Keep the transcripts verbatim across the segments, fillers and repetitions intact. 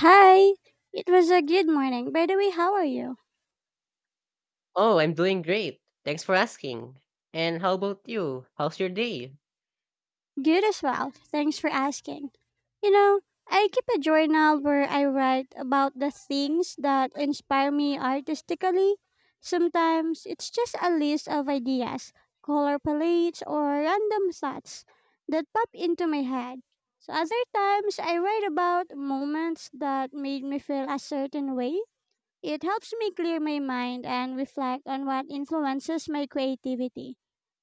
Hi, it was a good morning. By the way, how are you? Oh, I'm doing great. Thanks for asking. And how about you? How's your day? Good as well. Thanks for asking. You know, I keep a journal where I write about the things that inspire me artistically. Sometimes it's just a list of ideas, color palettes, or random thoughts that pop into my head. So other times I write about moments that made me feel a certain way. It helps me clear my mind and reflect on what influences my creativity.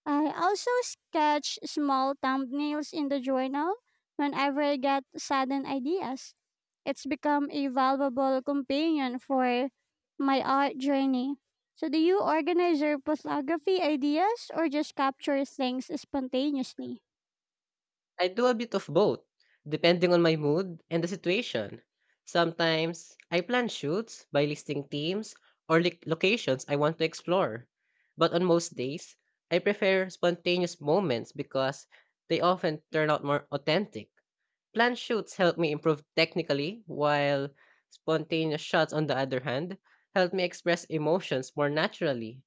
I also sketch small thumbnails in the journal whenever I get sudden ideas. It's become a valuable companion for my art journey. So, do you organize your photography ideas or just capture things spontaneously? I do a bit of both, depending on my mood and the situation. Sometimes I plan shoots by listing themes or lic locations I want to explore. But on most days, I prefer spontaneous moments because they often turn out more authentic. Planned shoots help me improve technically, while spontaneous shots, on the other hand, help me express emotions more naturally.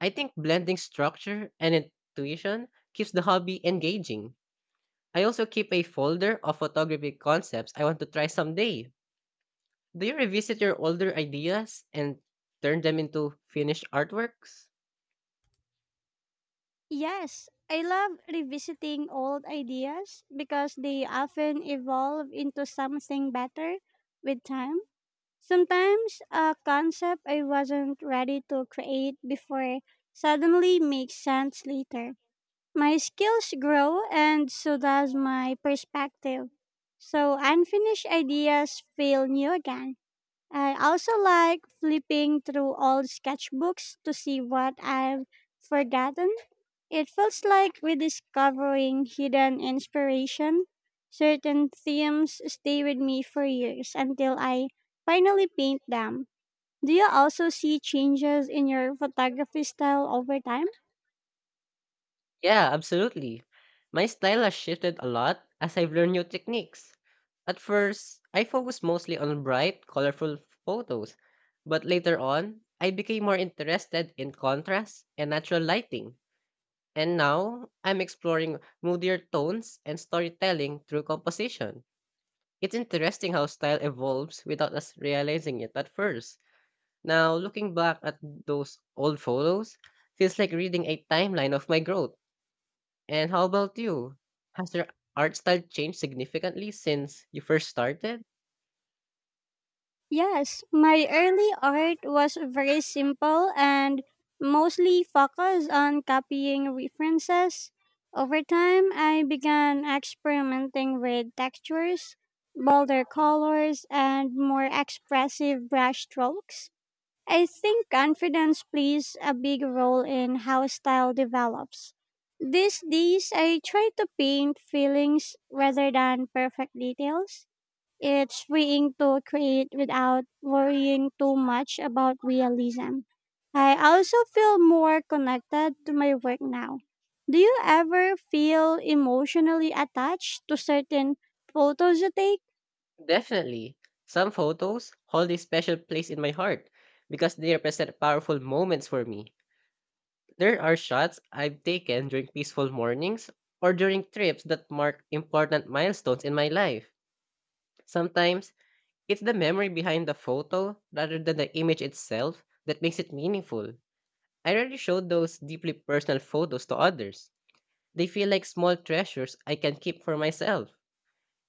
I think blending structure and intuition keeps the hobby engaging. I also keep a folder of photography concepts I want to try someday. Do you revisit your older ideas and turn them into finished artworks? Yes, I love revisiting old ideas because they often evolve into something better with time. Sometimes a concept I wasn't ready to create before suddenly makes sense later. My skills grow and so does my perspective. So unfinished ideas feel new again. I also like flipping through old sketchbooks to see what I've forgotten. It feels like rediscovering hidden inspiration. Certain themes stay with me for years until I finally paint them. Do you also see changes in your photography style over time? Yeah, absolutely. My style has shifted a lot as I've learned new techniques. At first, I focused mostly on bright, colorful photos, but later on, I became more interested in contrast and natural lighting. And now I'm exploring moodier tones and storytelling through composition. It's interesting how style evolves without us realizing it at first. Now, looking back at those old photos feels like reading a timeline of my growth. And how about you? Has your art style changed significantly since you first started? Yes, my early art was very simple and mostly focused on copying references. Over time, I began experimenting with textures, bolder colors, and more expressive brush strokes. I think confidence plays a big role in how style develops. These days, I try to paint feelings rather than perfect details. It's freeing to create without worrying too much about realism. I also feel more connected to my work now. Do you ever feel emotionally attached to certain photos you take? Definitely. Some photos hold a special place in my heart because they represent powerful moments for me. There are shots I've taken during peaceful mornings or during trips that mark important milestones in my life. Sometimes, it's the memory behind the photo rather than the image itself that makes it meaningful. I rarely show those deeply personal photos to others. They feel like small treasures I can keep for myself.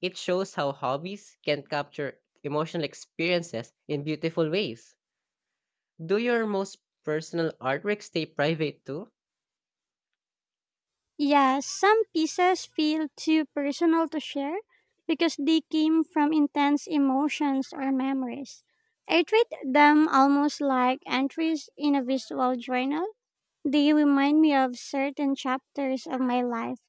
It shows how hobbies can capture emotional experiences in beautiful ways. Do your most personal artwork stay private too? Yes, some pieces feel too personal to share because they came from intense emotions or memories. I treat them almost like entries in a visual journal. They remind me of certain chapters of my life,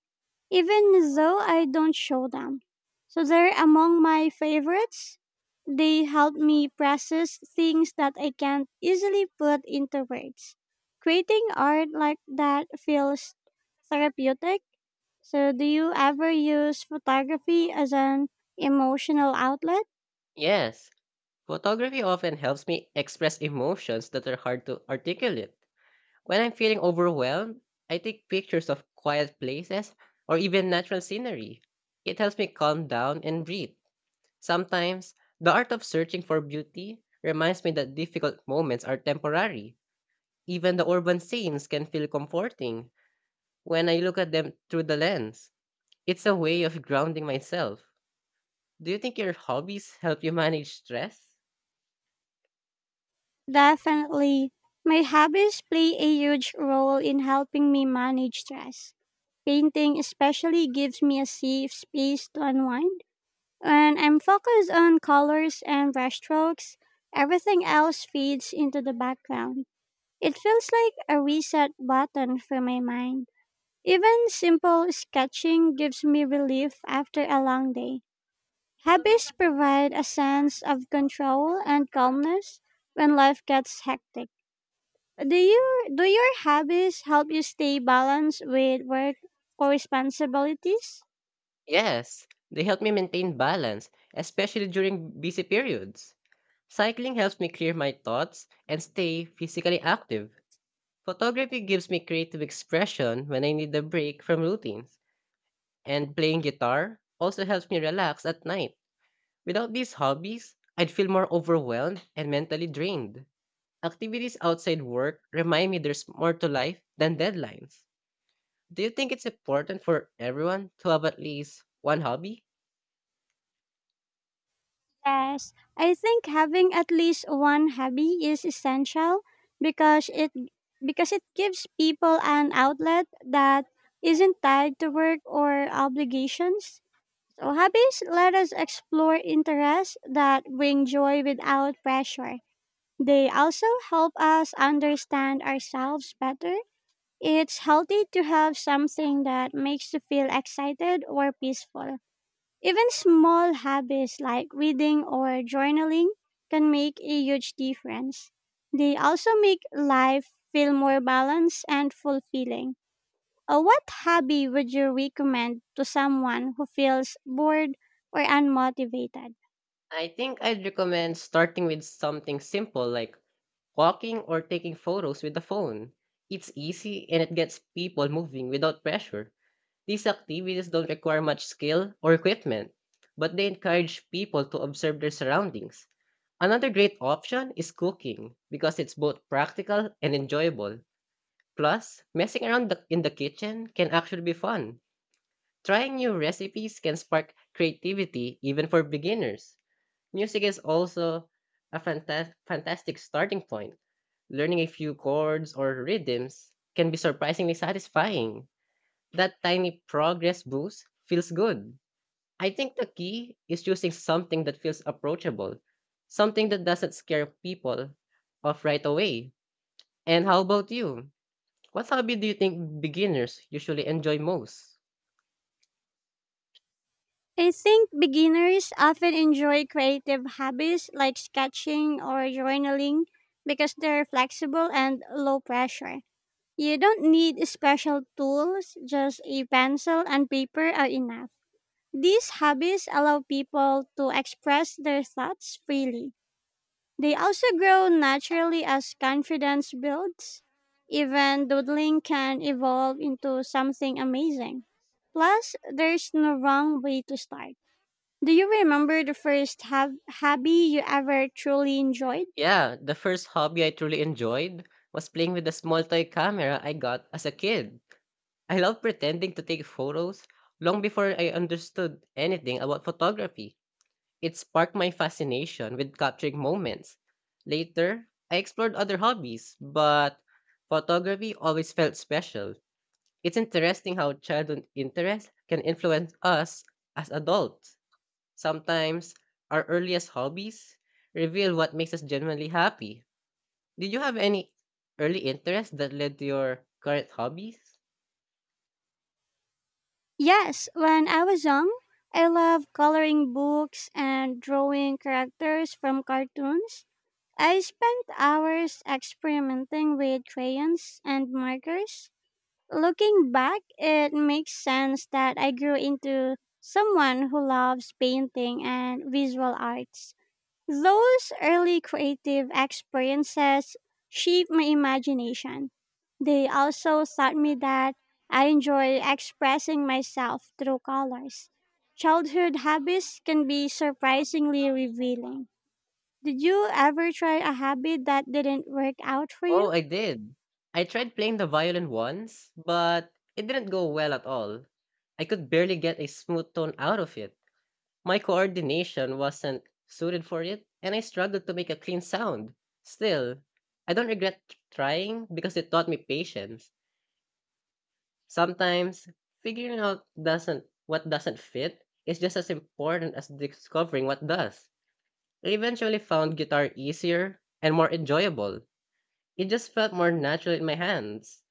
even though I don't show them. So they're among my favorites. They help me process things that I can't easily put into words. Creating art like that feels therapeutic. So, do you ever use photography as an emotional outlet? Yes, photography often helps me express emotions that are hard to articulate. When I'm feeling overwhelmed, I take pictures of quiet places or even natural scenery. It helps me calm down and breathe. Sometimes, the art of searching for beauty reminds me that difficult moments are temporary. Even the urban scenes can feel comforting when I look at them through the lens. It's a way of grounding myself. Do you think your hobbies help you manage stress? Definitely. My hobbies play a huge role in helping me manage stress. Painting especially gives me a safe space to unwind. When I'm focused on colors and brushstrokes, everything else fades into the background. It feels like a reset button for my mind. Even simple sketching gives me relief after a long day. Hobbies provide a sense of control and calmness when life gets hectic. Do you do your hobbies help you stay balanced with work or responsibilities? Yes, they help me maintain balance, especially during busy periods. Cycling helps me clear my thoughts and stay physically active. Photography gives me creative expression when I need a break from routines. And playing guitar also helps me relax at night. Without these hobbies, I'd feel more overwhelmed and mentally drained. Activities outside work remind me there's more to life than deadlines. Do you think it's important for everyone to have at least one hobby? Yes, I think having at least one hobby is essential because it because it gives people an outlet that isn't tied to work or obligations. So hobbies let us explore interests that bring joy without pressure. They also help us understand ourselves better. It's healthy to have something that makes you feel excited or peaceful. Even small habits like reading or journaling can make a huge difference. They also make life feel more balanced and fulfilling. Uh, what hobby would you recommend to someone who feels bored or unmotivated? I think I'd recommend starting with something simple like walking or taking photos with the phone. It's easy and it gets people moving without pressure. These activities don't require much skill or equipment, but they encourage people to observe their surroundings. Another great option is cooking because it's both practical and enjoyable. Plus, messing around the, in the kitchen can actually be fun. Trying new recipes can spark creativity even for beginners. Music is also a fantas- fantastic starting point. Learning a few chords or rhythms can be surprisingly satisfying. That tiny progress boost feels good. I think the key is choosing something that feels approachable, something that doesn't scare people off right away. And how about you? What hobby do you think beginners usually enjoy most? I think beginners often enjoy creative hobbies like sketching or journaling because they're flexible and low pressure. You don't need special tools, just a pencil and paper are enough. These hobbies allow people to express their thoughts freely. They also grow naturally as confidence builds. Even doodling can evolve into something amazing. Plus, there's no wrong way to start. Do you remember the first hab- hobby you ever truly enjoyed? Yeah, the first hobby I truly enjoyed was playing with the small toy camera I got as a kid. I love pretending to take photos long before I understood anything about photography. It sparked my fascination with capturing moments. Later, I explored other hobbies, but photography always felt special. It's interesting how childhood interests can influence us as adults. Sometimes, our earliest hobbies reveal what makes us genuinely happy. Did you have any early interests that led to your current hobbies? Yes, when I was young, I loved coloring books and drawing characters from cartoons. I spent hours experimenting with crayons and markers. Looking back, it makes sense that I grew into someone who loves painting and visual arts. Those early creative experiences shaped my imagination. They also taught me that I enjoy expressing myself through colors. Childhood habits can be surprisingly revealing. Did you ever try a habit that didn't work out for Oh, you? I did. I tried playing the violin once, but it didn't go well at all. I could barely get a smooth tone out of it. My coordination wasn't suited for it, and I struggled to make a clean sound. Still, I don't regret t- trying because it taught me patience. Sometimes, figuring out doesn't what doesn't fit is just as important as discovering what does. I eventually found guitar easier and more enjoyable. It just felt more natural in my hands.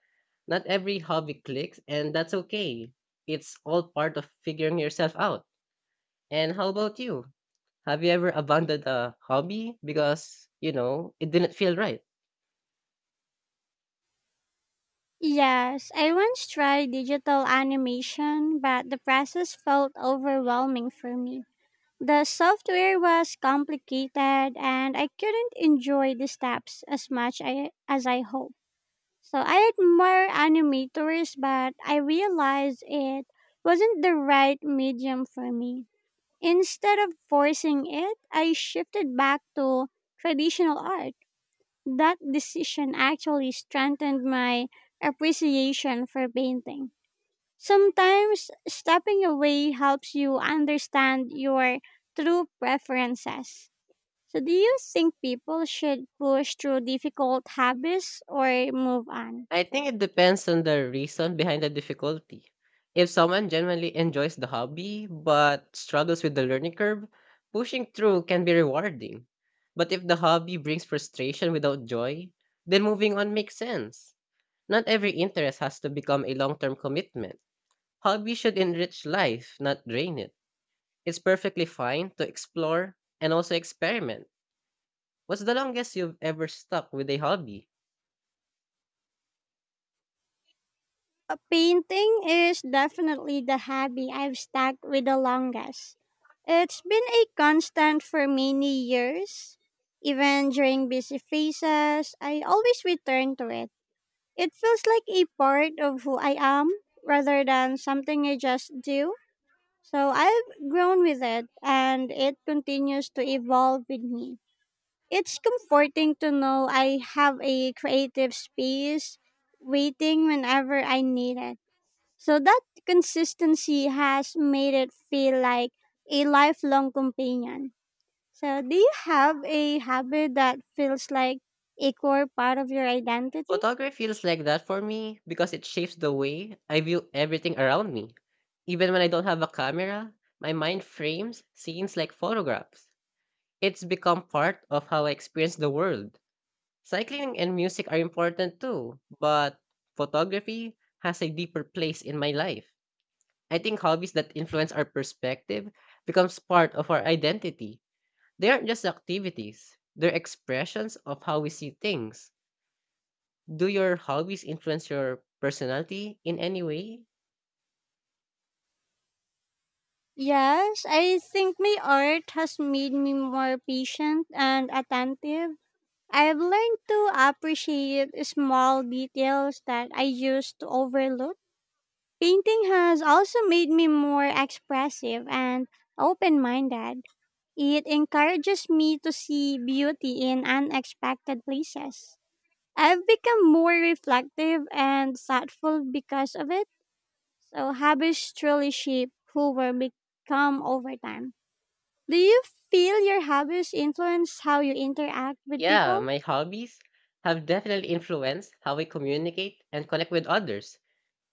Not every hobby clicks, and that's okay. It's all part of figuring yourself out. And how about you? Have you ever abandoned a hobby because, you know, it didn't feel right? Yes, I once tried digital animation, but the process felt overwhelming for me. The software was complicated and I couldn't enjoy the steps as much I, as I hoped. So I admire animators, but I realized it wasn't the right medium for me. Instead of forcing it, I shifted back to traditional art. That decision actually strengthened my appreciation for painting. Sometimes stepping away helps you understand your true preferences. So, do you think people should push through difficult habits or move on? I think it depends on the reason behind the difficulty. If someone genuinely enjoys the hobby but struggles with the learning curve, pushing through can be rewarding. But if the hobby brings frustration without joy, then moving on makes sense. Not every interest has to become a long term commitment. Hobby should enrich life, not drain it. It's perfectly fine to explore and also experiment. What's the longest you've ever stuck with a hobby? Uh, Painting is definitely the hobby I've stuck with the longest. It's been a constant for many years. Even during busy phases, I always return to it. It feels like a part of who I am rather than something I just do. So I've grown with it and it continues to evolve with me. It's comforting to know I have a creative space waiting whenever I need it. So that consistency has made it feel like a lifelong companion. So do you have a habit that feels like a core part of your identity? Photography feels like that for me because it shapes the way I view everything around me. Even when I don't have a camera, my mind frames scenes like photographs. It's become part of how I experience the world. Cycling and music are important too, but photography has a deeper place in my life. I think hobbies that influence our perspective becomes part of our identity. They aren't just activities, they're expressions of how we see things. Do your hobbies influence your personality in any way? Yes, I think my art has made me more patient and attentive. I've learned to appreciate small details that I used to overlook. Painting has also made me more expressive and open minded. It encourages me to see beauty in unexpected places. I've become more reflective and thoughtful because of it. So, habits truly shape who we become over time. Do you feel your habits influence how you interact with Yeah, people? my hobbies have definitely influenced how I communicate and connect with others.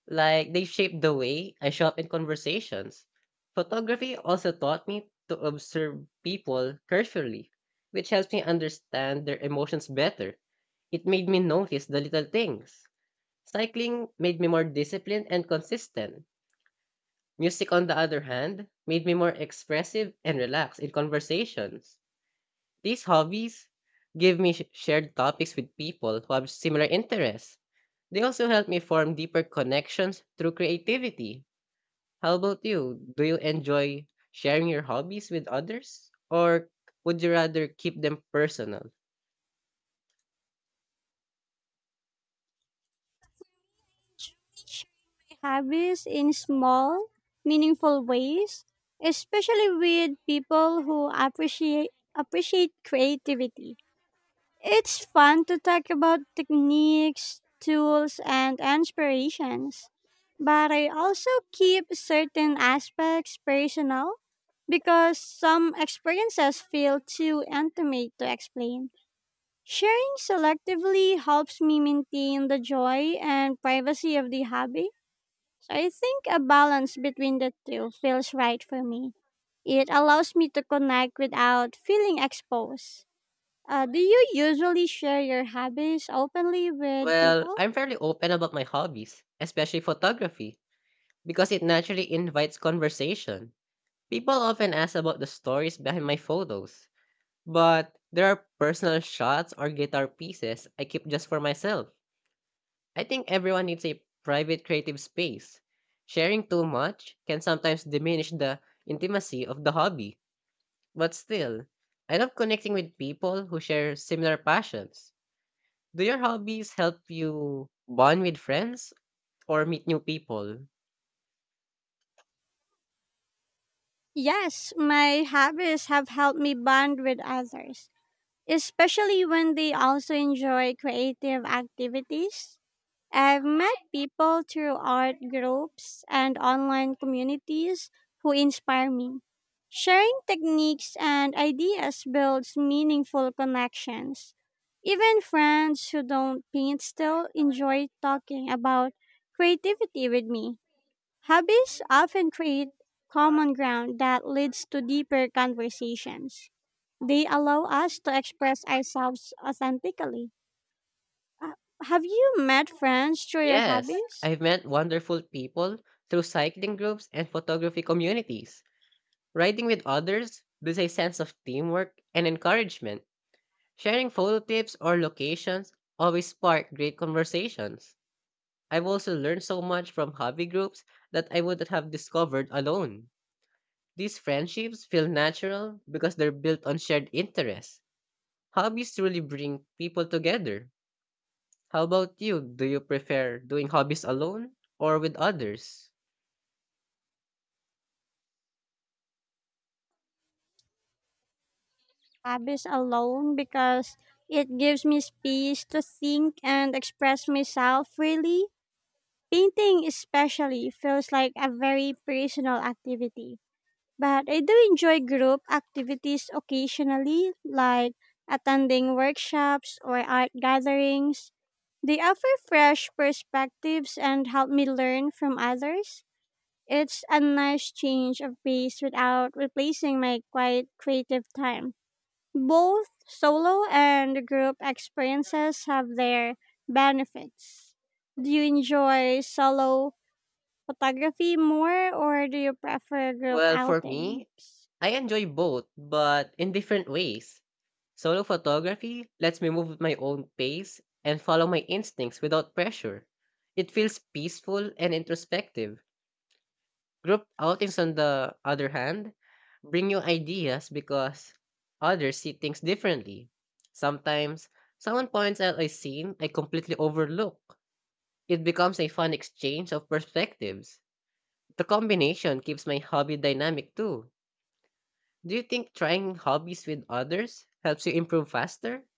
Like, they shaped the way I show up in conversations. Photography also taught me to observe people carefully, which helps me understand their emotions better. It made me notice the little things. Cycling made me more disciplined and consistent. Music, on the other hand, made me more expressive and relaxed in conversations. These hobbies give me sh- shared topics with people who have similar interests. They also help me form deeper connections through creativity. How about you? Do you enjoy sharing your hobbies with others? Or would you rather keep them personal? Habits in small, meaningful ways, especially with people who appreciate appreciate creativity. It's fun to talk about techniques, tools, and inspirations, but I also keep certain aspects personal because some experiences feel too intimate to explain. Sharing selectively helps me maintain the joy and privacy of the hobby. I think a balance between the two feels right for me. It allows me to connect without feeling exposed. Uh, do you usually share your hobbies openly with Well, people? I'm fairly open about my hobbies, especially photography, because it naturally invites conversation. People often ask about the stories behind my photos, but there are personal shots or guitar pieces I keep just for myself. I think everyone needs a private creative space. Sharing too much can sometimes diminish the intimacy of the hobby. But still, I love connecting with people who share similar passions. Do your hobbies help you bond with friends or meet new people? Yes, my hobbies have helped me bond with others, especially when they also enjoy creative activities. I've met people through art groups and online communities who inspire me. Sharing techniques and ideas builds meaningful connections. Even friends who don't paint still enjoy talking about creativity with me. Hobbies often create common ground that leads to deeper conversations. They allow us to express ourselves authentically. Uh, have you met friends through your Yes, hobbies? I've met wonderful people through cycling groups and photography communities. Riding with others builds a sense of teamwork and encouragement. Sharing photo tips or locations always spark great conversations. I've also learned so much from hobby groups that I wouldn't have discovered alone. These friendships feel natural because they're built on shared interests. Hobbies truly bring people together. How about you? Do you prefer doing hobbies alone or with others? Hobbies alone because it gives me space to think and express myself freely. Painting, especially, feels like a very personal activity. But I do enjoy group activities occasionally, like attending workshops or art gatherings. They offer fresh perspectives and help me learn from others. It's a nice change of pace without replacing my quiet creative time. Both solo and group experiences have their benefits. Do you enjoy solo photography more or do you prefer group Well, for me, outings? I enjoy both, but in different ways. Solo photography lets me move at my own pace and follow my instincts without pressure. It feels peaceful and introspective. Group outings, on the other hand, bring new ideas because others see things differently. Sometimes, someone points out a scene I completely overlook. It becomes a fun exchange of perspectives. The combination keeps my hobby dynamic too. Do you think trying hobbies with others helps you improve faster?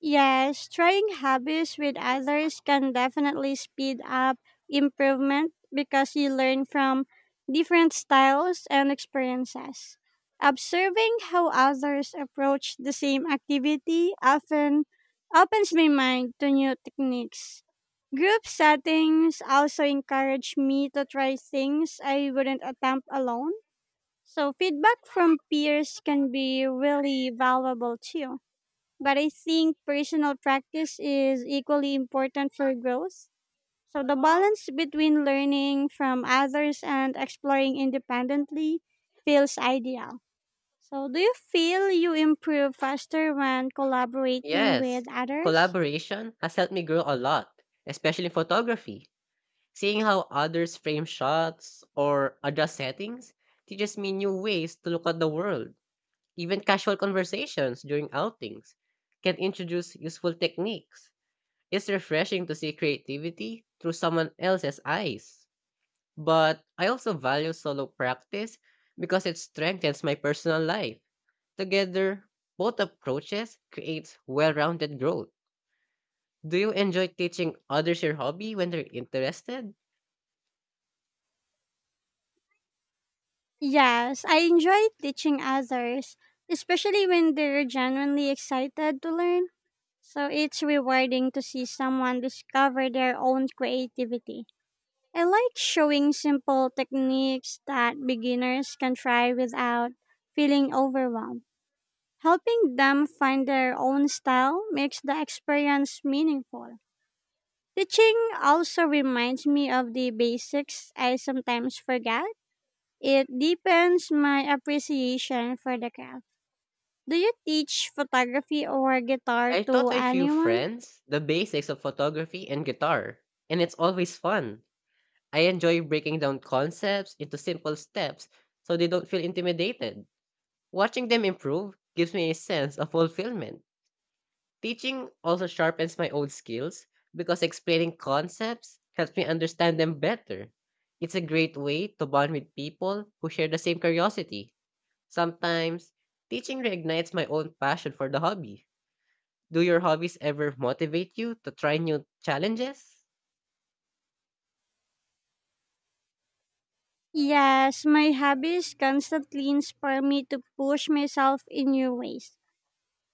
Yes, trying hobbies with others can definitely speed up improvement because you learn from different styles and experiences. Observing how others approach the same activity often opens my mind to new techniques. Group settings also encourage me to try things I wouldn't attempt alone. So, feedback from peers can be really valuable too. But I think personal practice is equally important for growth. So the balance between learning from others and exploring independently feels ideal. So do you feel you improve faster when collaborating Yes. with others? Collaboration has helped me grow a lot, especially in photography. Seeing how others frame shots or adjust settings teaches me new ways to look at the world. Even casual conversations during outings can introduce useful techniques. It's refreshing to see creativity through someone else's eyes. But I also value solo practice because it strengthens my personal life. Together, both approaches creates well-rounded growth. Do you enjoy teaching others your hobby when they're interested? Yes, I enjoy teaching others, especially when they're genuinely excited to learn. So it's rewarding to see someone discover their own creativity. I like showing simple techniques that beginners can try without feeling overwhelmed. Helping them find their own style makes the experience meaningful. Teaching also reminds me of the basics I sometimes forget. It deepens my appreciation for the craft. Do you teach photography or guitar I taught to a few anyone? friends the basics of photography and guitar, and it's always fun. I enjoy breaking down concepts into simple steps so they don't feel intimidated. Watching them improve gives me a sense of fulfillment. Teaching also sharpens my own skills because explaining concepts helps me understand them better. It's a great way to bond with people who share the same curiosity. Sometimes, teaching reignites my own passion for the hobby. Do your hobbies ever motivate you to try new challenges? Yes, my hobbies constantly inspire me to push myself in new ways.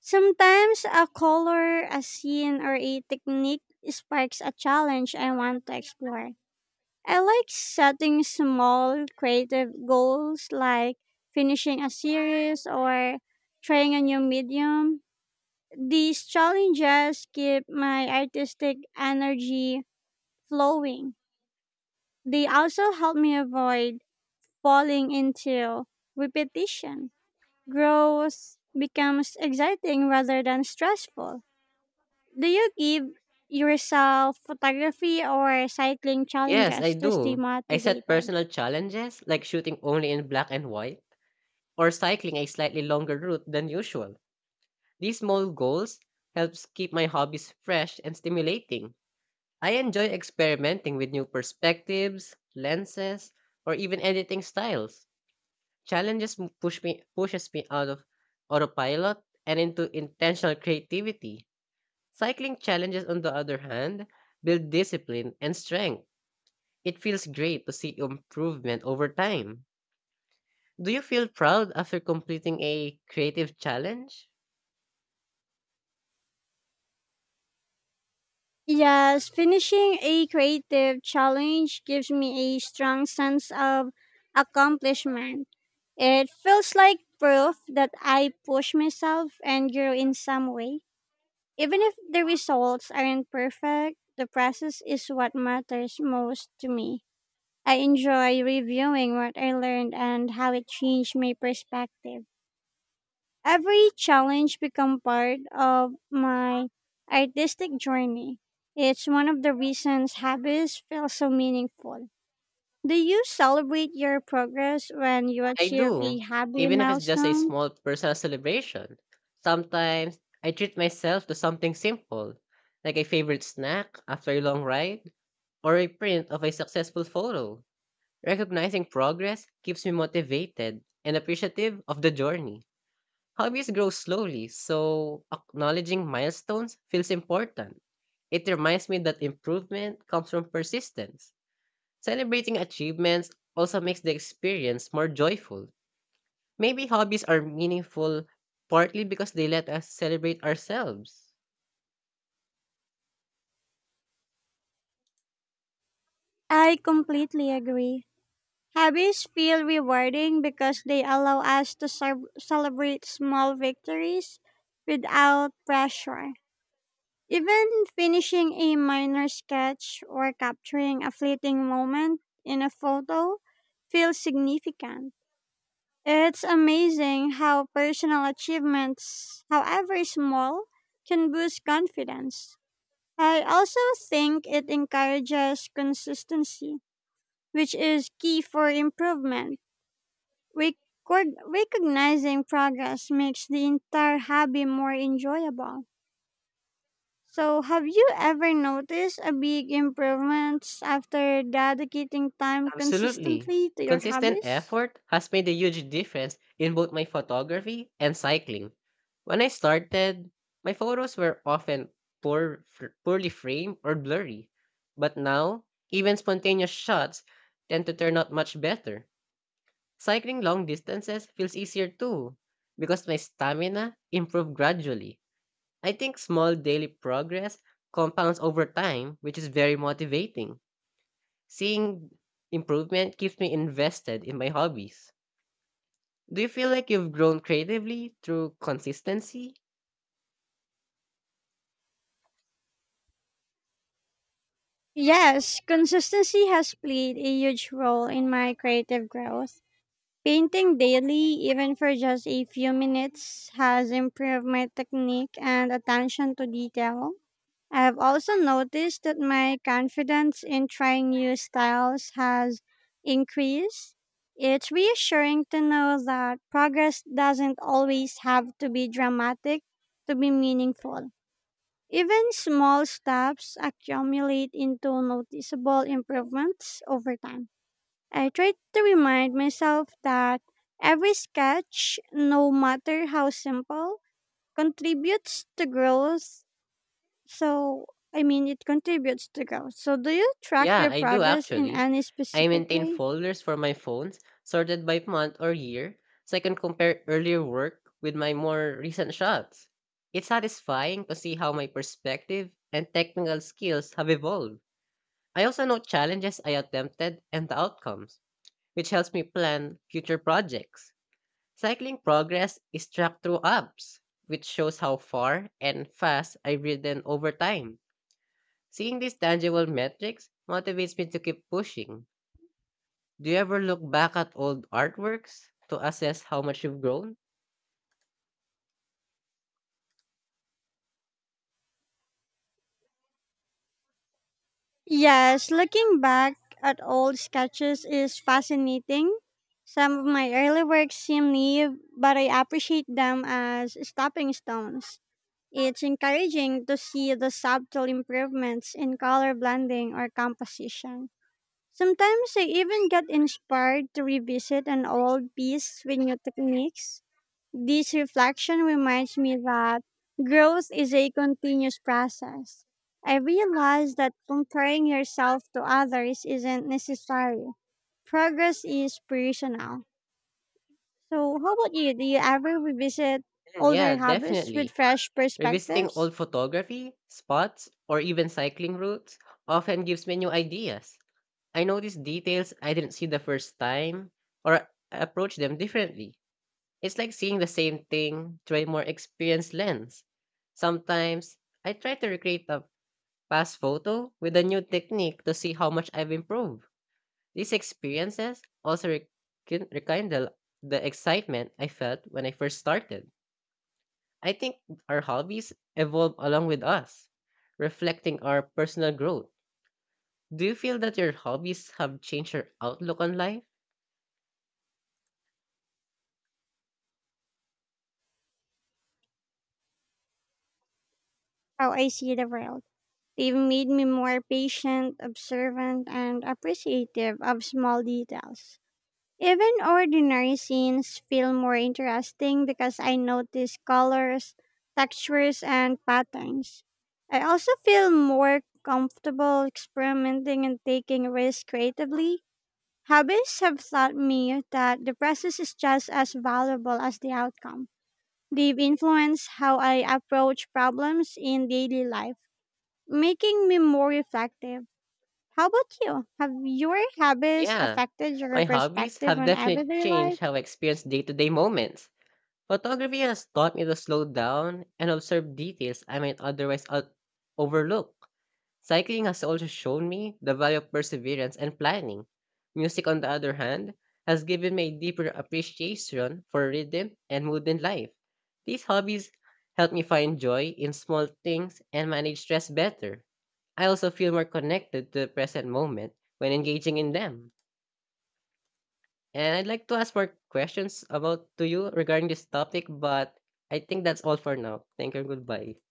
Sometimes a color, a scene, or a technique sparks a challenge I want to explore. I like setting small creative goals like finishing a series or trying a new medium. These challenges keep my artistic energy flowing. They also help me avoid falling into repetition. Growth becomes exciting rather than stressful. Do you give yourself photography or cycling Yes, I challenges to stay do. I set motivated? personal challenges like shooting only in black and white or cycling a slightly longer route than usual. These small goals helps keep my hobbies fresh and stimulating. I enjoy experimenting with new perspectives, lenses, or even editing styles. Challenges m- push me pushes me out of autopilot and into intentional creativity. Cycling challenges, on the other hand, build discipline and strength. It feels great to see improvement over time. Do you feel proud after completing a creative challenge? Yes, finishing a creative challenge gives me a strong sense of accomplishment. It feels like proof that I push myself and grow in some way. Even if the results aren't perfect, the process is what matters most to me. I enjoy reviewing what I learned and how it changed my perspective. Every challenge become part of my artistic journey. It's one of the reasons hobbies feel so meaningful. Do you celebrate your progress when you I achieve a do, hobby even if it's just a milestone? small personal celebration. Sometimes I treat myself to something simple, like a favorite snack after a long ride or a print of a successful photo. Recognizing progress keeps me motivated and appreciative of the journey. Hobbies grow slowly, so acknowledging milestones feels important. It reminds me that improvement comes from persistence. Celebrating achievements also makes the experience more joyful. Maybe hobbies are meaningful partly because they let us celebrate ourselves. I completely agree. Hobbies feel rewarding because they allow us to ce- celebrate small victories without pressure. Even finishing a minor sketch or capturing a fleeting moment in a photo feels significant. It's amazing how personal achievements, however small, can boost confidence. I also think it encourages consistency, which is key for improvement. Record- recognizing progress makes the entire hobby more enjoyable. So, have you ever noticed a big improvements after dedicating time Absolutely. consistently to your Consistent hobbies? effort has made a huge difference in both my photography and cycling. When I started, my photos were often poor, fr- poorly framed or blurry, but now, even spontaneous shots tend to turn out much better. Cycling long distances feels easier too, because my stamina improved gradually. I think small daily progress compounds over time, which is very motivating. Seeing improvement keeps me invested in my hobbies. Do you feel like you've grown creatively through consistency? Yes, consistency has played a huge role in my creative growth. Painting daily, even for just a few minutes, has improved my technique and attention to detail. I've also noticed that my confidence in trying new styles has increased. It's reassuring to know that progress doesn't always have to be dramatic to be meaningful. Even small steps accumulate into noticeable improvements over time. I try to remind myself that every sketch, no matter how simple, contributes to growth so, I mean, it contributes to growth. So, do you track Yeah, your I do progress in actually. any I specific maintain way? folders for my phones sorted by month or year so I can compare earlier work with my more recent shots. It's satisfying to see how my perspective and technical skills have evolved. I also note challenges I attempted and the outcomes, which helps me plan future projects. Cycling progress is tracked through apps, which shows how far and fast I've ridden over time. Seeing these tangible metrics motivates me to keep pushing. Do you ever look back at old artworks to assess how much you've grown? Yes, looking back at old sketches is fascinating. Some of my early works seem naive, but I appreciate them as stepping stones. It's encouraging to see the subtle improvements in color blending or composition. Sometimes I even get inspired to revisit an old piece with new techniques. This reflection reminds me that growth is a continuous process. I realize that comparing yourself to others isn't necessary. Progress is personal. So, how about you? Do you ever revisit Mm, yeah, older habits with definitely. fresh Revisiting perspectives? old photography, spots, or even cycling routes often gives me new ideas. I notice details I didn't see the first time or approach them differently. It's like seeing the same thing through a more experienced lens. Sometimes I try to recreate a past photo with a new technique to see how much I've improved. These experiences also re- kin- rekindle the excitement I felt when I first started. I think our hobbies evolve along with us, reflecting our personal growth. Do you feel that your hobbies have changed your outlook on life? How I see the world. They've made me more patient, observant, and appreciative of small details. Even ordinary scenes feel more interesting because I notice colors, textures, and patterns. I also feel more comfortable experimenting and taking risks creatively. Hobbies have taught me that the process is just as valuable as the outcome. They've influenced how I approach problems in daily life, making me more reflective. How about you? Have your habits Yeah, affected your my hobbies perspective have on definitely everyday life? changed how I experience day to day moments. Photography has taught me to slow down and observe details I might otherwise o- overlook. Cycling has also shown me the value of perseverance and planning. Music, on the other hand, has given me a deeper appreciation for rhythm and mood in life. These hobbies help me find joy in small things and manage stress better. I also feel more connected to the present moment when engaging in them. And I'd like to ask more questions about to you regarding this topic, but I think that's all for now. Thank you and goodbye.